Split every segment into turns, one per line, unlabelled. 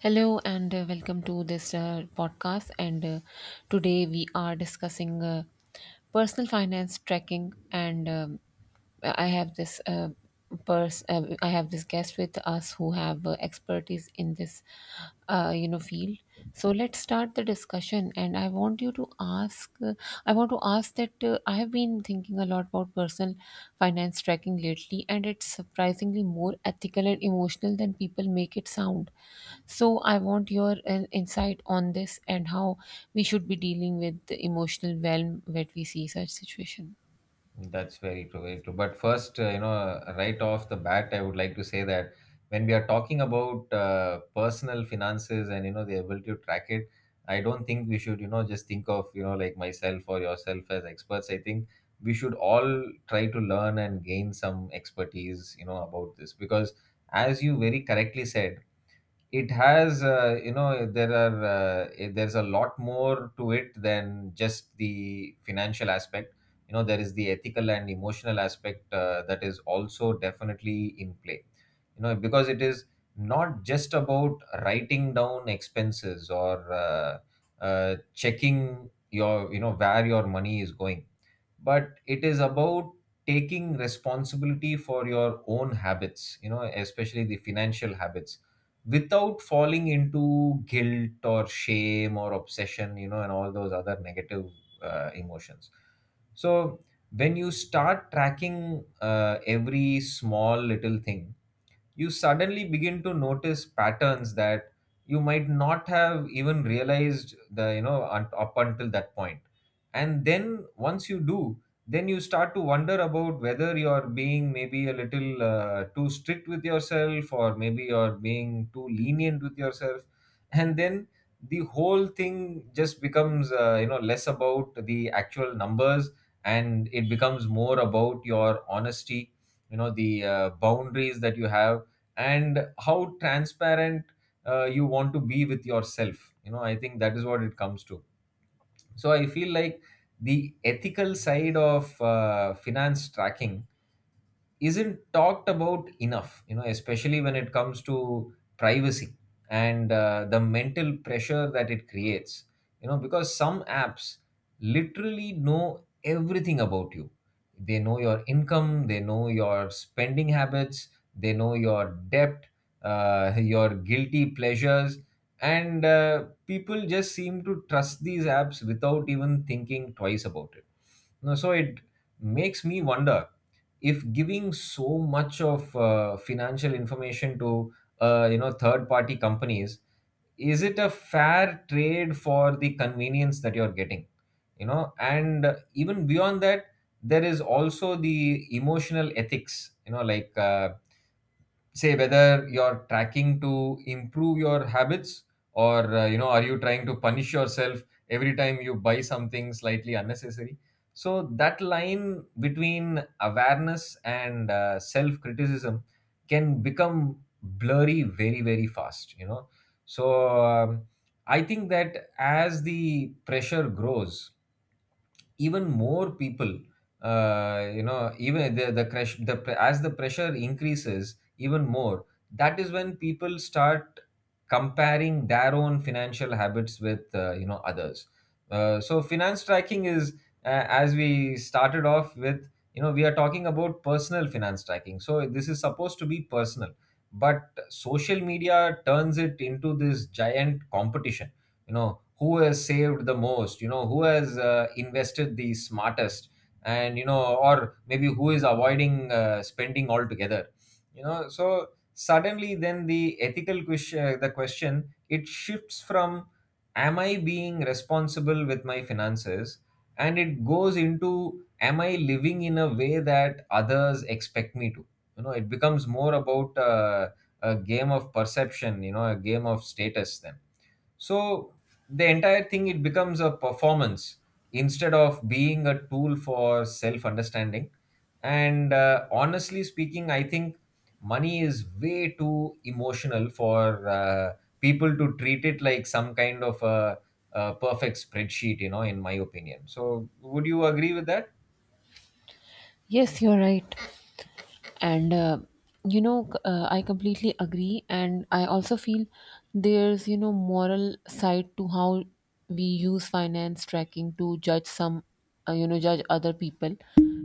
Hello and welcome to this podcast. And Today we are discussing personal finance tracking. And I have this I have this guest with us who have expertise in this, field. So let's start the discussion, and I want you to ask. I want to ask that I have been thinking a lot about personal finance tracking lately, and it's surprisingly more ethical and emotional than people make it sound. So I want your insight on this and how we should be dealing with the emotional realm that we see such situation.
That's very true, very true. But first, right off the bat, I would like to say that when we are talking about personal finances and you know the ability to track it, I don't think we should, you know, just think of you know like myself or yourself as experts. I think we should all try to learn and gain some expertise, you know, about this because, as you very correctly said, it has there are there's a lot more to it than just the financial aspect. You know, there is the ethical and emotional aspect that is also definitely in play, you know, because it is not just about writing down expenses or checking your, you know, where your money is going, but it is about taking responsibility for your own habits, you know, especially the financial habits, without falling into guilt or shame or obsession, you know, and all those other negative emotions. So when you start tracking every small little thing, you suddenly begin to notice patterns that you might not have even realized the you know un- up until that point. And then once you do, then you start to wonder about whether you're being maybe a little too strict with yourself, or maybe you're being too lenient with yourself. And then the whole thing just becomes, you know, less about the actual numbers, and it becomes more about your honesty, you know, the boundaries that you have and how transparent you want to be with yourself. You know, I think that is what it comes to. So I feel like the ethical side of finance tracking isn't talked about enough, you know, especially when it comes to privacy and the mental pressure that it creates. You know, because some apps literally know everything about you. They know your income, they know your spending habits, they know your debt, your guilty pleasures. And people just seem to trust these apps without even thinking twice about it. You know, so it makes me wonder if giving so much of financial information to you know third party companies, is it a fair trade for the convenience that you're getting? You know, and even beyond that, there is also the emotional ethics, you know, like, say whether you're tracking to improve your habits, or you know are you trying to punish yourself every time you buy something slightly unnecessary. So that line between awareness and self criticism can become blurry very very fast, you know. So I think that as the pressure grows even more, people, you know even the crash the pre- as the pressure increases even more, that is when people start comparing their own financial habits with, you know, others. So finance tracking is, as we started off with, you know, we are talking about personal finance tracking, so this is supposed to be personal. But social media turns it into this giant competition. You know, who has saved the most, you know, who has invested the smartest, and you know, or maybe who is avoiding spending altogether. You know, so suddenly then the ethical question, the question it shifts from, am I being responsible with my finances, and it goes into, am I living in a way that others expect me to? You know, it becomes more about a game of perception, you know, a game of status then. So the entire thing, it becomes a performance instead of being a tool for self understanding. And honestly speaking, I think money is way too emotional for people to treat it like some kind of a perfect spreadsheet. You know, in my opinion. So would you agree with that?
Yes, you're right. And I completely agree, and I also feel there's moral side to how we use finance tracking to judge some judge other people.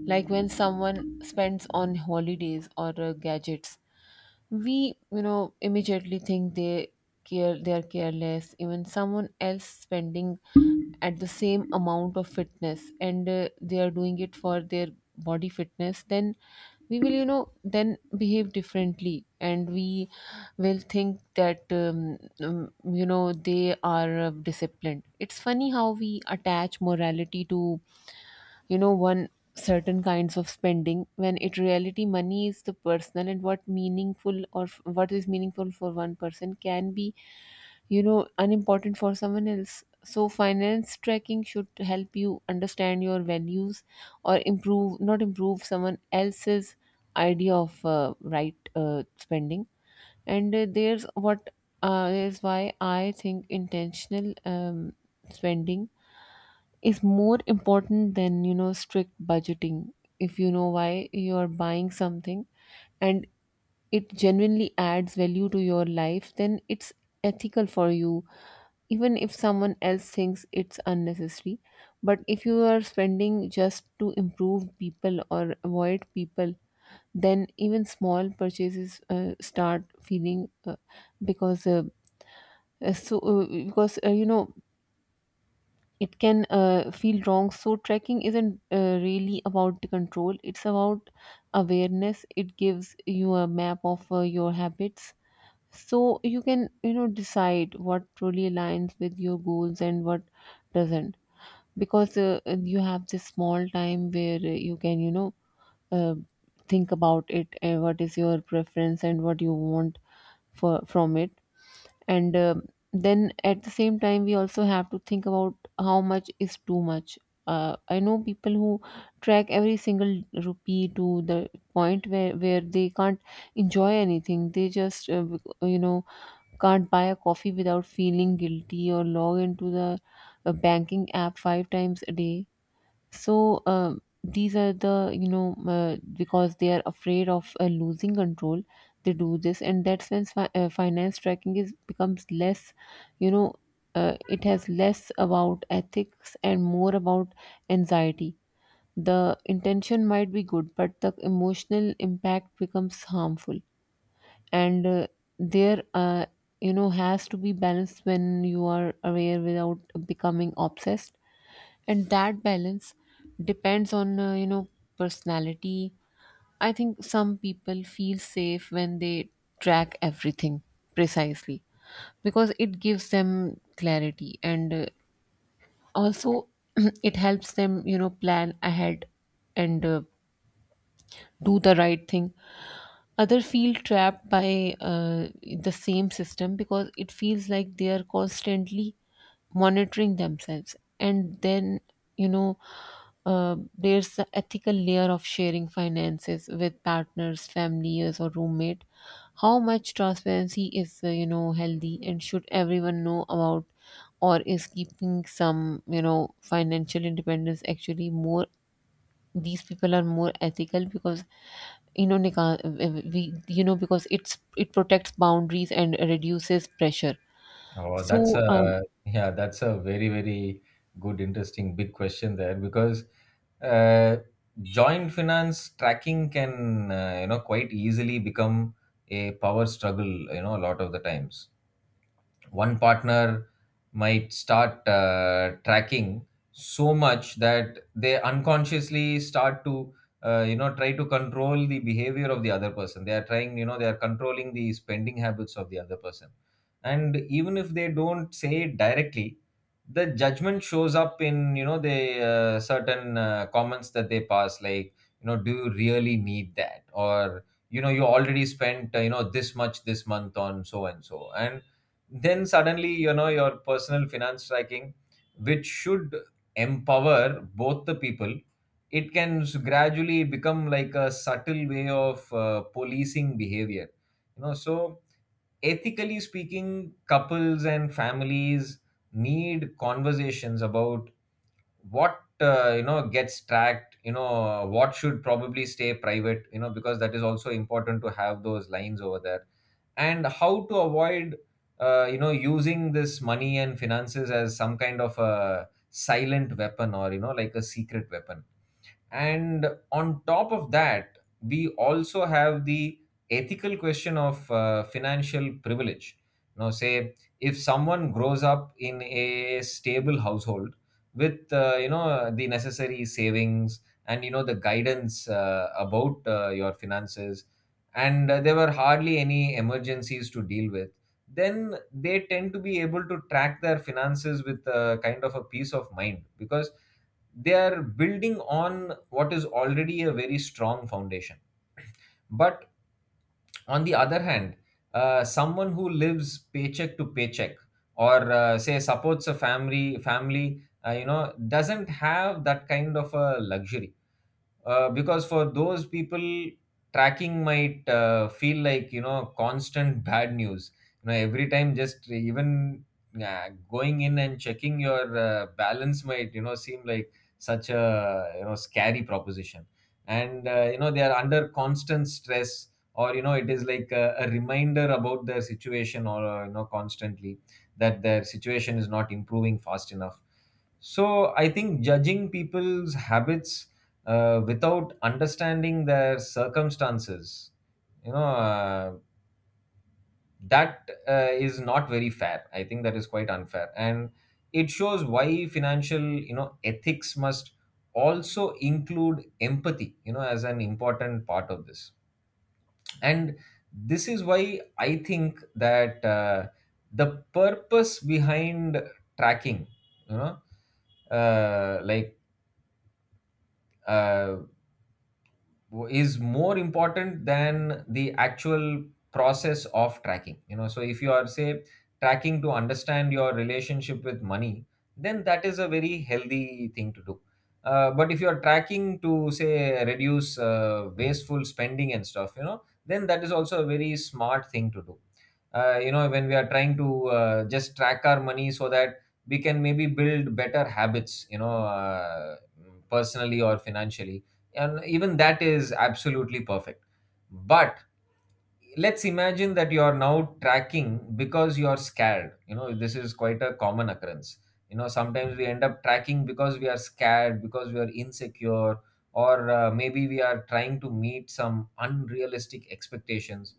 Like when someone spends on holidays or gadgets, we immediately think they care, they are careless. Even someone else spending at the same amount of fitness and they are doing it for their body fitness, then we will then behave differently, and we will think that they are disciplined. It's funny how we attach morality to one certain kinds of spending when in reality money is the personal, and what meaningful or what is meaningful for one person can be unimportant for someone else. So finance tracking should help you understand your values or improve, not improve someone else's idea of right spending. And there's what is why I think intentional spending is more important than strict budgeting. If you know why you're buying something and it genuinely adds value to your life, then it's ethical for you, even if someone else thinks it's unnecessary. But if you are spending just to improve people or avoid people, then even small purchases start feeling because so because you know it can feel wrong. So tracking isn't really about the control, it's about awareness. It gives you a map of your habits, so you can decide what truly aligns with your goals and what doesn't, because you have this small time where you can uh, think about it and what is your preference and what you want for from it. And Then at the same time we also have to think about how much is too much. I know people who track every single rupee to the point where they can't enjoy anything. They just you know can't buy a coffee without feeling guilty, or log into the banking app five times a day. So these are the because they are afraid of losing control, they do this. And that's when finance tracking is becomes less you know it has less about ethics and more about anxiety. The intention might be good, but the emotional impact becomes harmful. And there you know has to be balance when you are aware without becoming obsessed. And that balance depends on personality. I think some people feel safe when they track everything precisely because it gives them clarity, and also it helps them plan ahead and do the right thing. Other feel trapped by the same system because it feels like they are constantly monitoring themselves. And then you know there's the ethical layer of sharing finances with partners, families, or roommate. How much transparency is healthy, and should everyone know about, or is keeping some financial independence actually more? These people are more ethical because Nika, we because it protects boundaries and reduces pressure.
Oh, that's
So
a yeah, that's a very, very good, interesting, big question there, because uh, joint finance tracking can, you know, quite easily become a power struggle, you know, a lot of the times. One partner might start tracking so much that they unconsciously start to you know try to control the behavior of the other person. They are trying, you know, they are controlling the spending habits of the other person. And even if they don't say it directly, the judgment shows up in, you know, the certain comments that they pass, like, you know, do you really need that, or you know you already spent, you know, this much this month on so and so. And then suddenly, you know, your personal finance tracking, which should empower both the people, it can gradually become like a subtle way of policing behavior, you know. So ethically speaking, couples and families need conversations about what, you know, gets tracked, you know, what should probably stay private, you know, because that is also important to have those lines over there, and how to avoid you know using this money and finances as some kind of a silent weapon, or you know like a secret weapon. And on top of that, we also have the ethical question of financial privilege. Now, say if someone grows up in a stable household with, you know, the necessary savings and, you know, the guidance about your finances, and there were hardly any emergencies to deal with, then they tend to be able to track their finances with a kind of a peace of mind, because they are building on what is already a very strong foundation. But on the other hand, someone who lives paycheck to paycheck, or say supports a family, you know, doesn't have that kind of a luxury. Because for those people, tracking might feel like, you know, constant bad news. You know, every time, just even going in and checking your balance might, you know, seem like such a, you know, scary proposition. And you know they are under constant stress, or you know it is like a reminder about their situation, or, you know, constantly that their situation is not improving fast enough. So I think judging people's habits without understanding their circumstances, you know uh, that is not very fair. I think that is quite unfair, and it shows why financial, you know, ethics must also include empathy, you know, as an important part of this. And this is why I think that, the purpose behind tracking, you know uh, like uh, is more important than the actual process of tracking. You know, so if you are, say, tracking to understand your relationship with money, then that is a very healthy thing to do. But if you are tracking to, say, reduce wasteful spending and stuff, you know, then that is also a very smart thing to do. You know, when we are trying to just track our money so that we can maybe build better habits, personally or financially, and even that is absolutely perfect. But let's imagine that you are now tracking because you are scared. You know, this is quite a common occurrence. You know, sometimes we end up tracking because we are scared, because we are insecure, or maybe we are trying to meet some unrealistic expectations.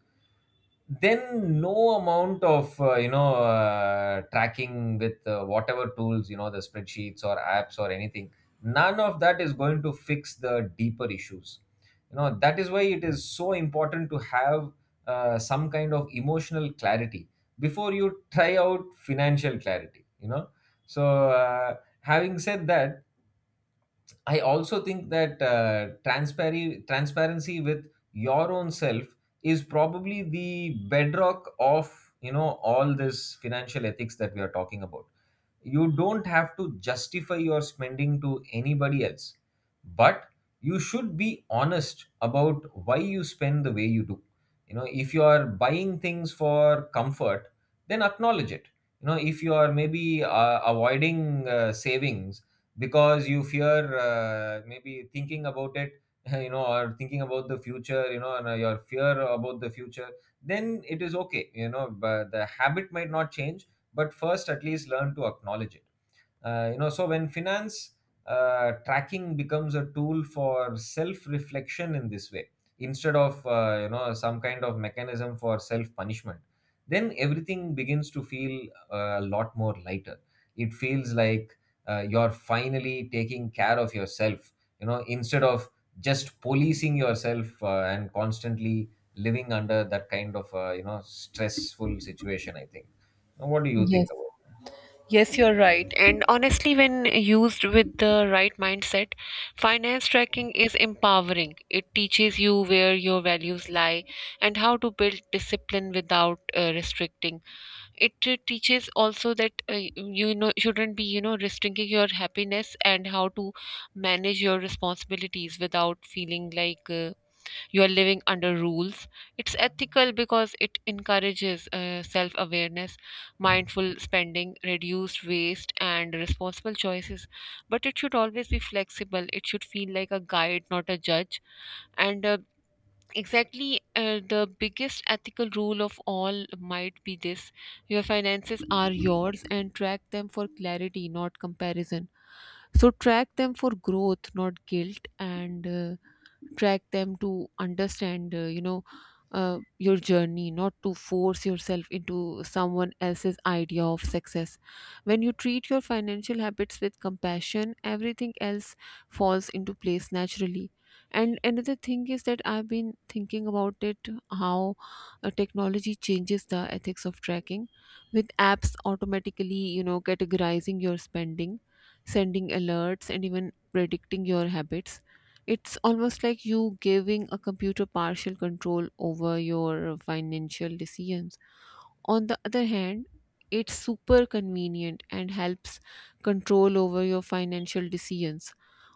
Then no amount of, tracking with whatever tools, you know, the spreadsheets or apps or anything, none of that is going to fix the deeper issues. You know, that is why it is so important to have some kind of emotional clarity before you try out financial clarity, you know. So, uh, having said that, I also think that transparency, transparency with your own self is probably the bedrock of, you know, all this financial ethics that we are talking about. You don't have to justify your spending to anybody else, but you should be honest about why you spend the way you do. You know, if you are buying things for comfort, then acknowledge it. You know, if you are maybe avoiding savings because you fear, maybe thinking about it, you know, or thinking about the future, you know, and your fear about the future, then it is okay, you know, but the habit might not change. But first, at least learn to acknowledge it. You know, so when finance tracking becomes a tool for self-reflection in this way, instead of you know some kind of mechanism for self-punishment, then everything begins to feel a lot more lighter. It feels like you're finally taking care of yourself. You know, instead of just policing yourself and constantly living under that kind of you know stressful situation. I think. Now, what do you
yes.
think about?
Yes, you're right. And honestly, when used with the right mindset, finance tracking is empowering. It teaches you where your values lie and how to build discipline without restricting. It teaches also that shouldn't be restricting your happiness, and how to manage your responsibilities without feeling like you are living under rules. It's ethical because it encourages self awareness, mindful spending, reduced waste, and responsible choices. But it should always be flexible. It should feel like a guide, not a judge. And Exactly, the biggest ethical rule of all might be this: your finances are yours, and track them for clarity, not comparison. So, track them for growth, not guilt, and track them to understand your journey, not to force yourself into someone else's idea of success. When you treat your financial habits with compassion, everything else falls into place naturally. And another thing is that I've been thinking about it, how technology changes the ethics of tracking. With apps automatically categorizing your spending, sending alerts, and even predicting your habits, it's almost like you giving a computer partial control over your financial decisions. On the other hand, it's super convenient and helps control over your financial decisions.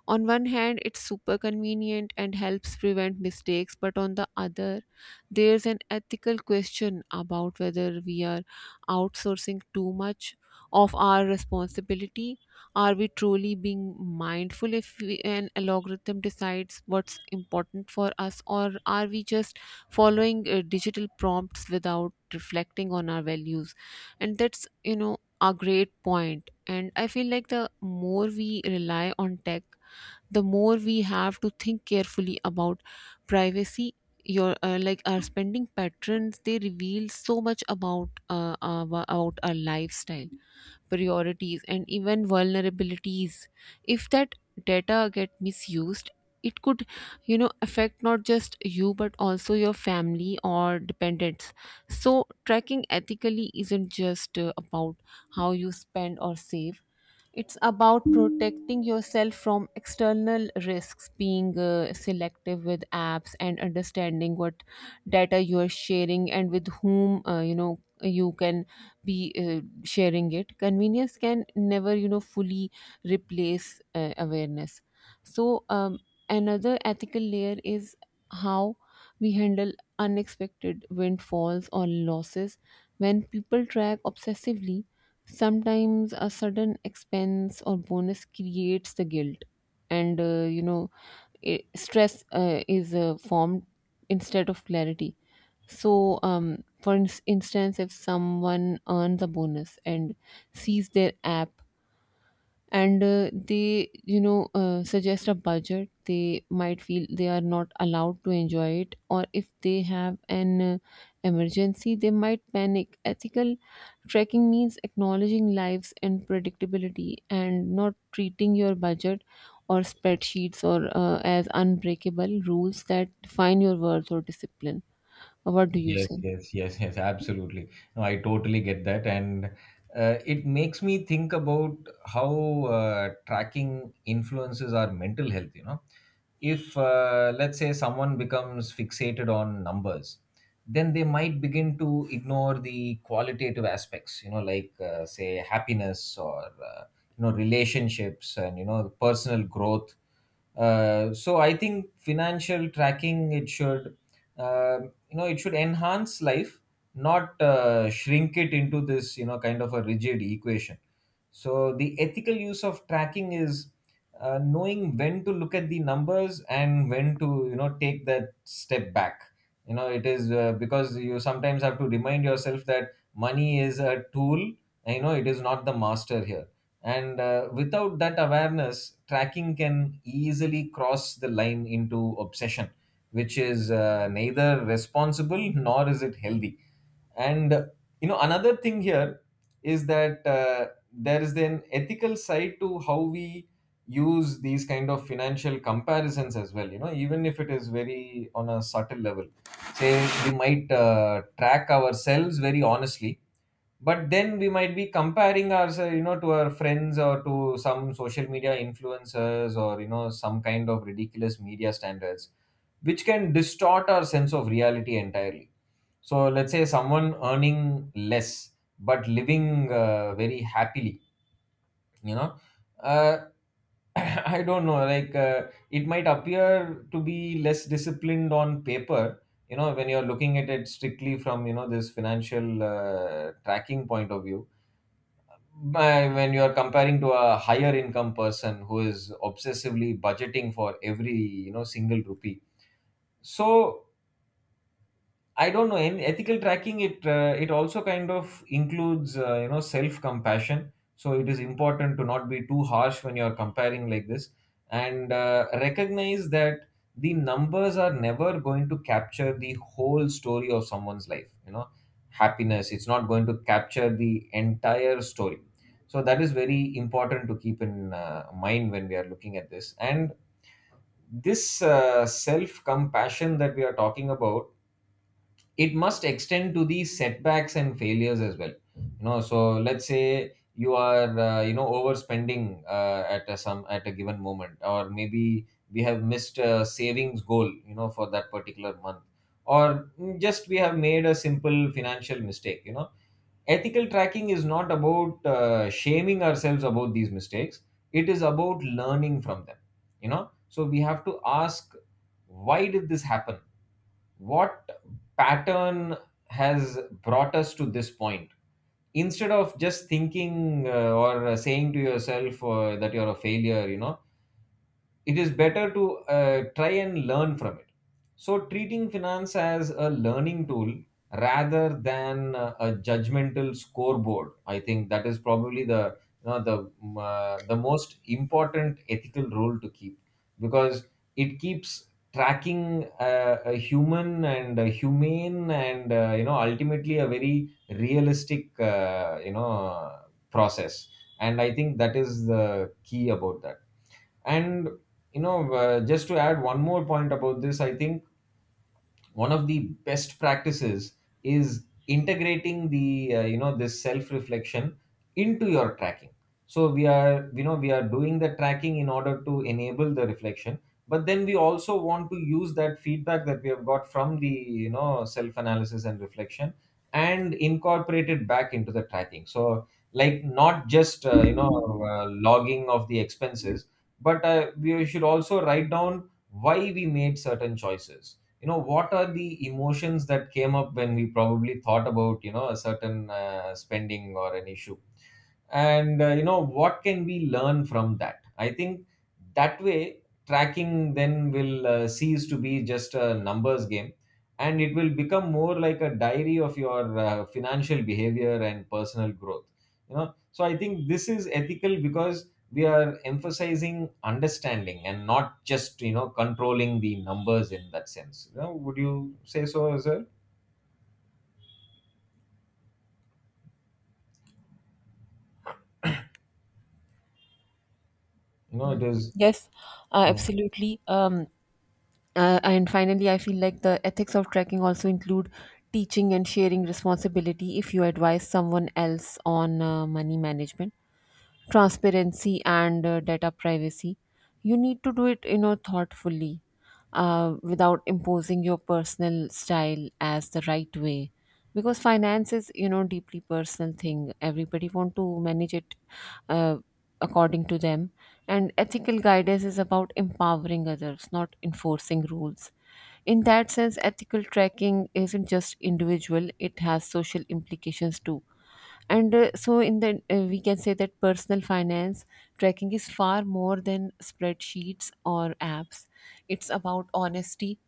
On one hand, it's super convenient and helps prevent mistakes, but on the other, there's an ethical question about whether we are outsourcing too much of our responsibility. Are we truly being mindful if we, an algorithm decides what's important for us, or are we just following digital prompts without reflecting on our values? And that's you know a great point. And I feel like the more we rely on tech, the more we have to think carefully about privacy. Your our spending patterns, they reveal so much about about our lifestyle, priorities, and even vulnerabilities. If that data get misused, it could affect not just you but also your family or dependents. So tracking ethically isn't just about how you spend or save. It's about protecting yourself from external risks, being selective with apps, and understanding what data you are sharing and with whom you can be sharing it. Convenience can never fully replace awareness. So another ethical layer is how we handle unexpected windfalls or losses. When people track obsessively, sometimes a sudden expense or bonus creates the guilt, and I stress is formed instead of clarity. So, for instance, if someone earns a bonus and sees their app and they suggest a budget, they might feel they are not allowed to enjoy it. Or if they have an emergency, they might panic. Ethical trekking means acknowledging lives and predictability, and not treating your budget or spreadsheets or as unbreakable rules that define your worth or discipline. What do you
Yes,
say?
yes, yes, yes, absolutely. No, I totally get that. And it makes me think about how tracking influences our mental health. You know, if let's say someone becomes fixated on numbers, then they might begin to ignore the qualitative aspects, you know, like say happiness or, you know, relationships and, you know, personal growth. So I think financial tracking, it should. Um you know, it should enhance life, not shrink it into this, you know, kind of a rigid equation. So the ethical use of tracking is knowing when to look at the numbers and when to, you know, take that step back. You know, it is because you sometimes have to remind yourself that money is a tool and, you know, it is not the master here. And without that awareness, tracking can easily cross the line into obsession, which is neither responsible nor is it healthy. And You know, another thing here is that there is an ethical side to how we use these kind of financial comparisons as well. You know, even if it is very on a subtle level, say we might track ourselves very honestly, but then we might be comparing ourselves, you know, to our friends or to some social media influencers or, you know, some kind of ridiculous media standards, which can distort our sense of reality entirely. So let's say someone earning less but living very happily, you know, uh, I don't know, like it might appear to be less disciplined on paper, you know, when you're looking at it strictly from, you know, this financial tracking point of view, by when you are comparing to a higher income person who is obsessively budgeting for every, you know, single rupee. So I don't know. In ethical tracking, it also kind of includes you know, self compassion. So it is important to not be too harsh when you're comparing like this, and recognize that the numbers are never going to capture the whole story of someone's life. You know, happiness. It's not going to capture the entire story. So that is very important to keep in mind when we are looking at this. And this self compassion that we are talking about, it must extend to the setbacks and failures as well. You know, so let's say you are you know, overspending at a given moment, or maybe we have missed a savings goal, you know, for that particular month, or just we have made a simple financial mistake. You know, ethical tracking is not about shaming ourselves about these mistakes. It is about learning from them. You know, so we have to ask, why did this happen? What pattern has brought us to this point, instead of just thinking or saying to yourself that you're a failure. You know, it is better to try and learn from it. So, treating finance as a learning tool rather than a judgmental scoreboard, I think that is probably the, you know, the the most important ethical rule to keep, because it keeps tracking a human and a humane and, you know, ultimately a very realistic, you know, process. And I think that is the key about that. And You know, just to add one more point about this, I think one of the best practices is integrating the, you know, this self reflection into your tracking. So we are, you know, we are doing the tracking in order to enable the reflection, but then we also want to use that feedback that we have got from the, you know, self analysis and reflection and incorporate it back into the tracking. So, like, not just you know, logging of the expenses, but we should also write down why we made certain choices. You know, what are the emotions that came up when we probably thought about, you know, a certain spending or an issue, and you know, what can we learn from that. I think that way tracking then will cease to be just a numbers game, and it will become more like a diary of your financial behavior and personal growth. You know, so I think this is ethical because we are emphasizing understanding and not just, you know, controlling the numbers in that sense. You know, would you say so as well? You know, it is.
Yes,
Yeah,
absolutely. And finally, I feel like the ethics of trekking also include teaching and sharing responsibility. If you advise someone else on money management, transparency, and data privacy, you need to do it thoughtfully, without imposing your personal style as the right way, because finance is deeply personal thing. Everybody want to manage it uh, according to them, and ethical guidance is about empowering others, not enforcing rules. In that sense, ethical tracking isn't just individual, it has social implications too. And so, in the we can say that personal finance tracking is far more than spreadsheets or apps. It's about honesty,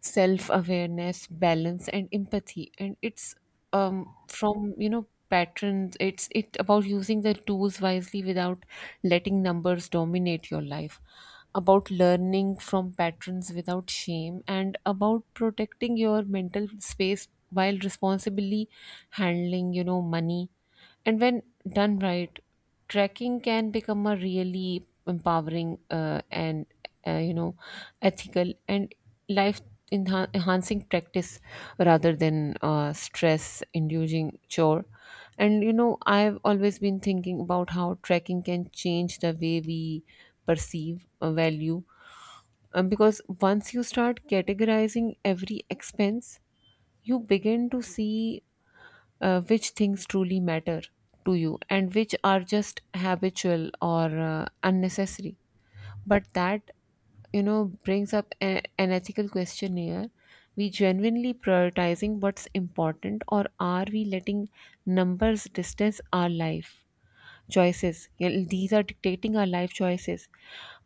self awareness, balance, and empathy. And it's from patterns. It's it about using the tools wisely without letting numbers dominate your life. About learning from patterns without shame, and about protecting your mental space while responsibly handling money. And when done right, tracking can become a really empowering and uh, you know ethical and life enhancing practice rather than stress inducing chore. And you know, I've always been thinking about how tracking can change the way we perceive a value. Because once you start categorizing every expense, you begin to see which things truly matter to you and which are just habitual or unnecessary. But that, you know, brings up an ethical question here. We genuinely prioritizing what's important, or are we letting numbers distance our life? Choices. Yeah, these are dictating our life choices.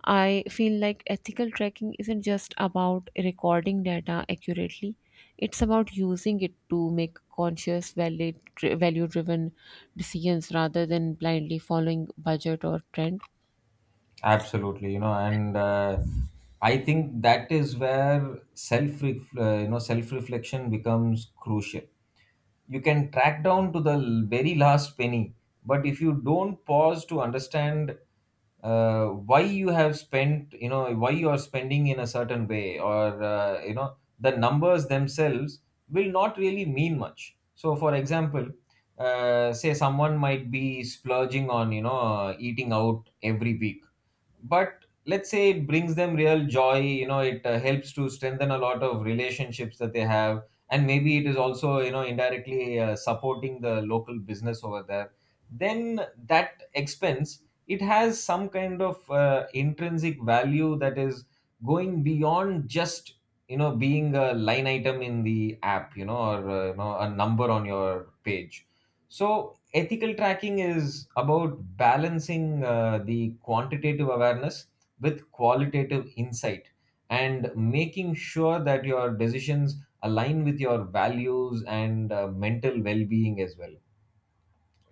I feel like ethical tracking isn't just about recording data accurately, it's about using it to make conscious, valid, value driven decisions rather than blindly following budget or trend.
absolutely. You know, and I think that is where self, you know, self reflection becomes crucial. You can track down to the very last penny, but if you don't pause to understand why you have spent, you know, why you are spending in a certain way, or you know, the numbers themselves will not really mean much. So for example, say someone might be splurging on, you know, eating out every week, but let's say it brings them real joy. You know, it helps to strengthen a lot of relationships that they have, and maybe it is also, you know, indirectly supporting the local business over there. Then that expense, it has some kind of intrinsic value that is going beyond just, you know, being a line item in the app, you know, or you know, a number on your page. So ethical tracking is about balancing the quantitative awareness with qualitative insight, and making sure that your decisions align with your values and mental well-being as well.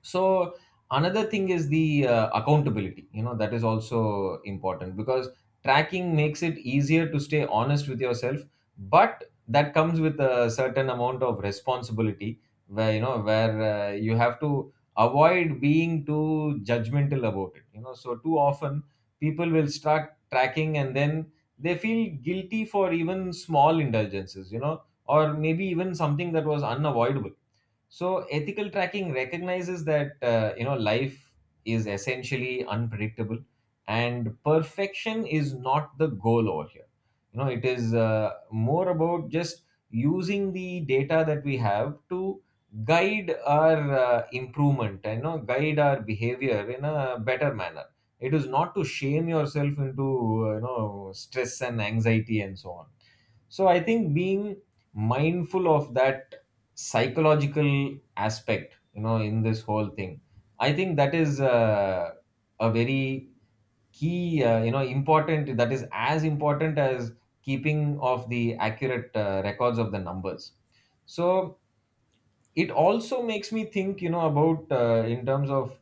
So another thing is the accountability. You know, that is also important because tracking makes it easier to stay honest with yourself, but that comes with a certain amount of responsibility where, you know, where you have to avoid being too judgmental about it. You know, so too often people will start tracking and then they feel guilty for even small indulgences, you know, or maybe even something that was unavoidable. So ethical tracking recognizes that, you know, life is essentially unpredictable, and perfection is not the goal over here. You know, it is more about just using the data that we have to guide our improvement and, you know, guide our behavior in a better manner. It is not to shame yourself into you know, stress and anxiety and so on. So I think being mindful of that psychological aspect, you know, in this whole thing, I think that is a very key, you know, important, that is as important as keeping of the accurate records of the numbers. So it also makes me think, you know, about in terms of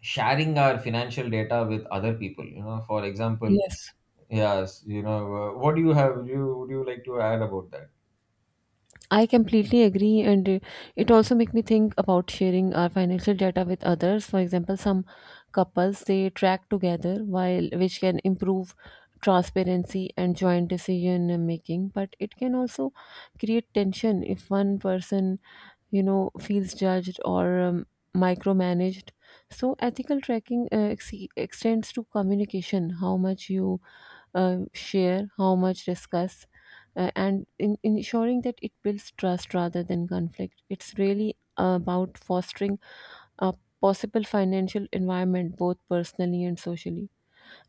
sharing our financial data with other people, you know, for example.
Yes.
Yes. You know, what do you have, would you like to add about that?
I completely agree, and it also make me think about sharing our financial data with others. For example, some couples they track together, while which can improve transparency and joint decision making. But it can also create tension if one person, you know, feels judged or micromanaged. So ethical tracking extends to communication, how much you share, how much discuss, and ensuring that it builds trust rather than conflict. It's really about fostering a possible financial environment both personally and socially.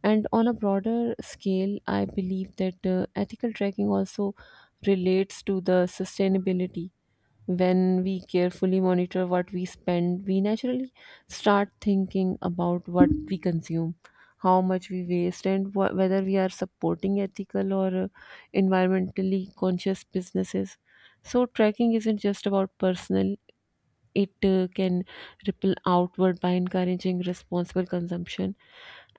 And on a broader scale, I believe that ethical tracking also relates to the sustainability. When we carefully monitor what we spend, we naturally start thinking about what we consume, how much we waste, and whether we are supporting ethical or environmentally conscious businesses. So, tracking isn't just about personal, it can ripple outward by encouraging responsible consumption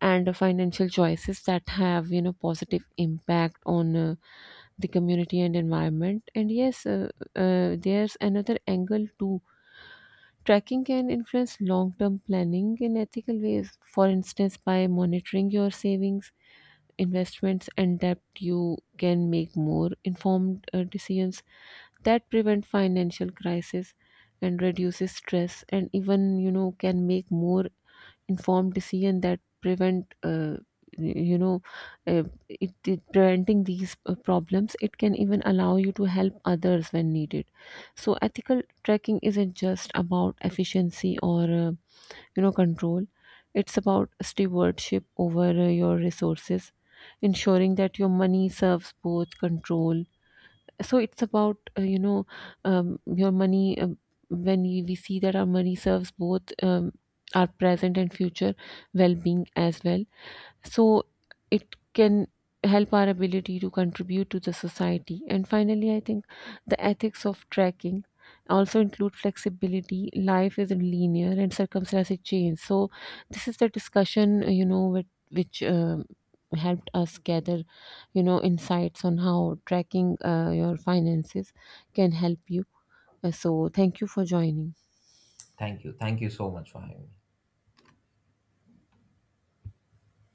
and financial choices that have positive impact on the community and environment. And yes, there's another angle too. Tracking can influence long term planning in ethical ways. For instance, by monitoring your savings, investments, and debt, you can make more informed decisions that prevent financial crisis and reduces stress, and even can make more informed decision that prevent you know it preventing these problems, it can even allow you to help others when needed. So ethical tracking isn't just about efficiency or control, it's about stewardship over your resources, ensuring that your money serves both control. So it's about your money when we see that our money serves both our present and future well-being as well. So it can help our ability to contribute to the society. And finally I think the ethics of tracking also include flexibility. Life isn't linear and circumstances change, so this is the discussion which helped us gather insights on how tracking your finances can help you. So thank you for joining.
Thank you. Thank you so much for having me.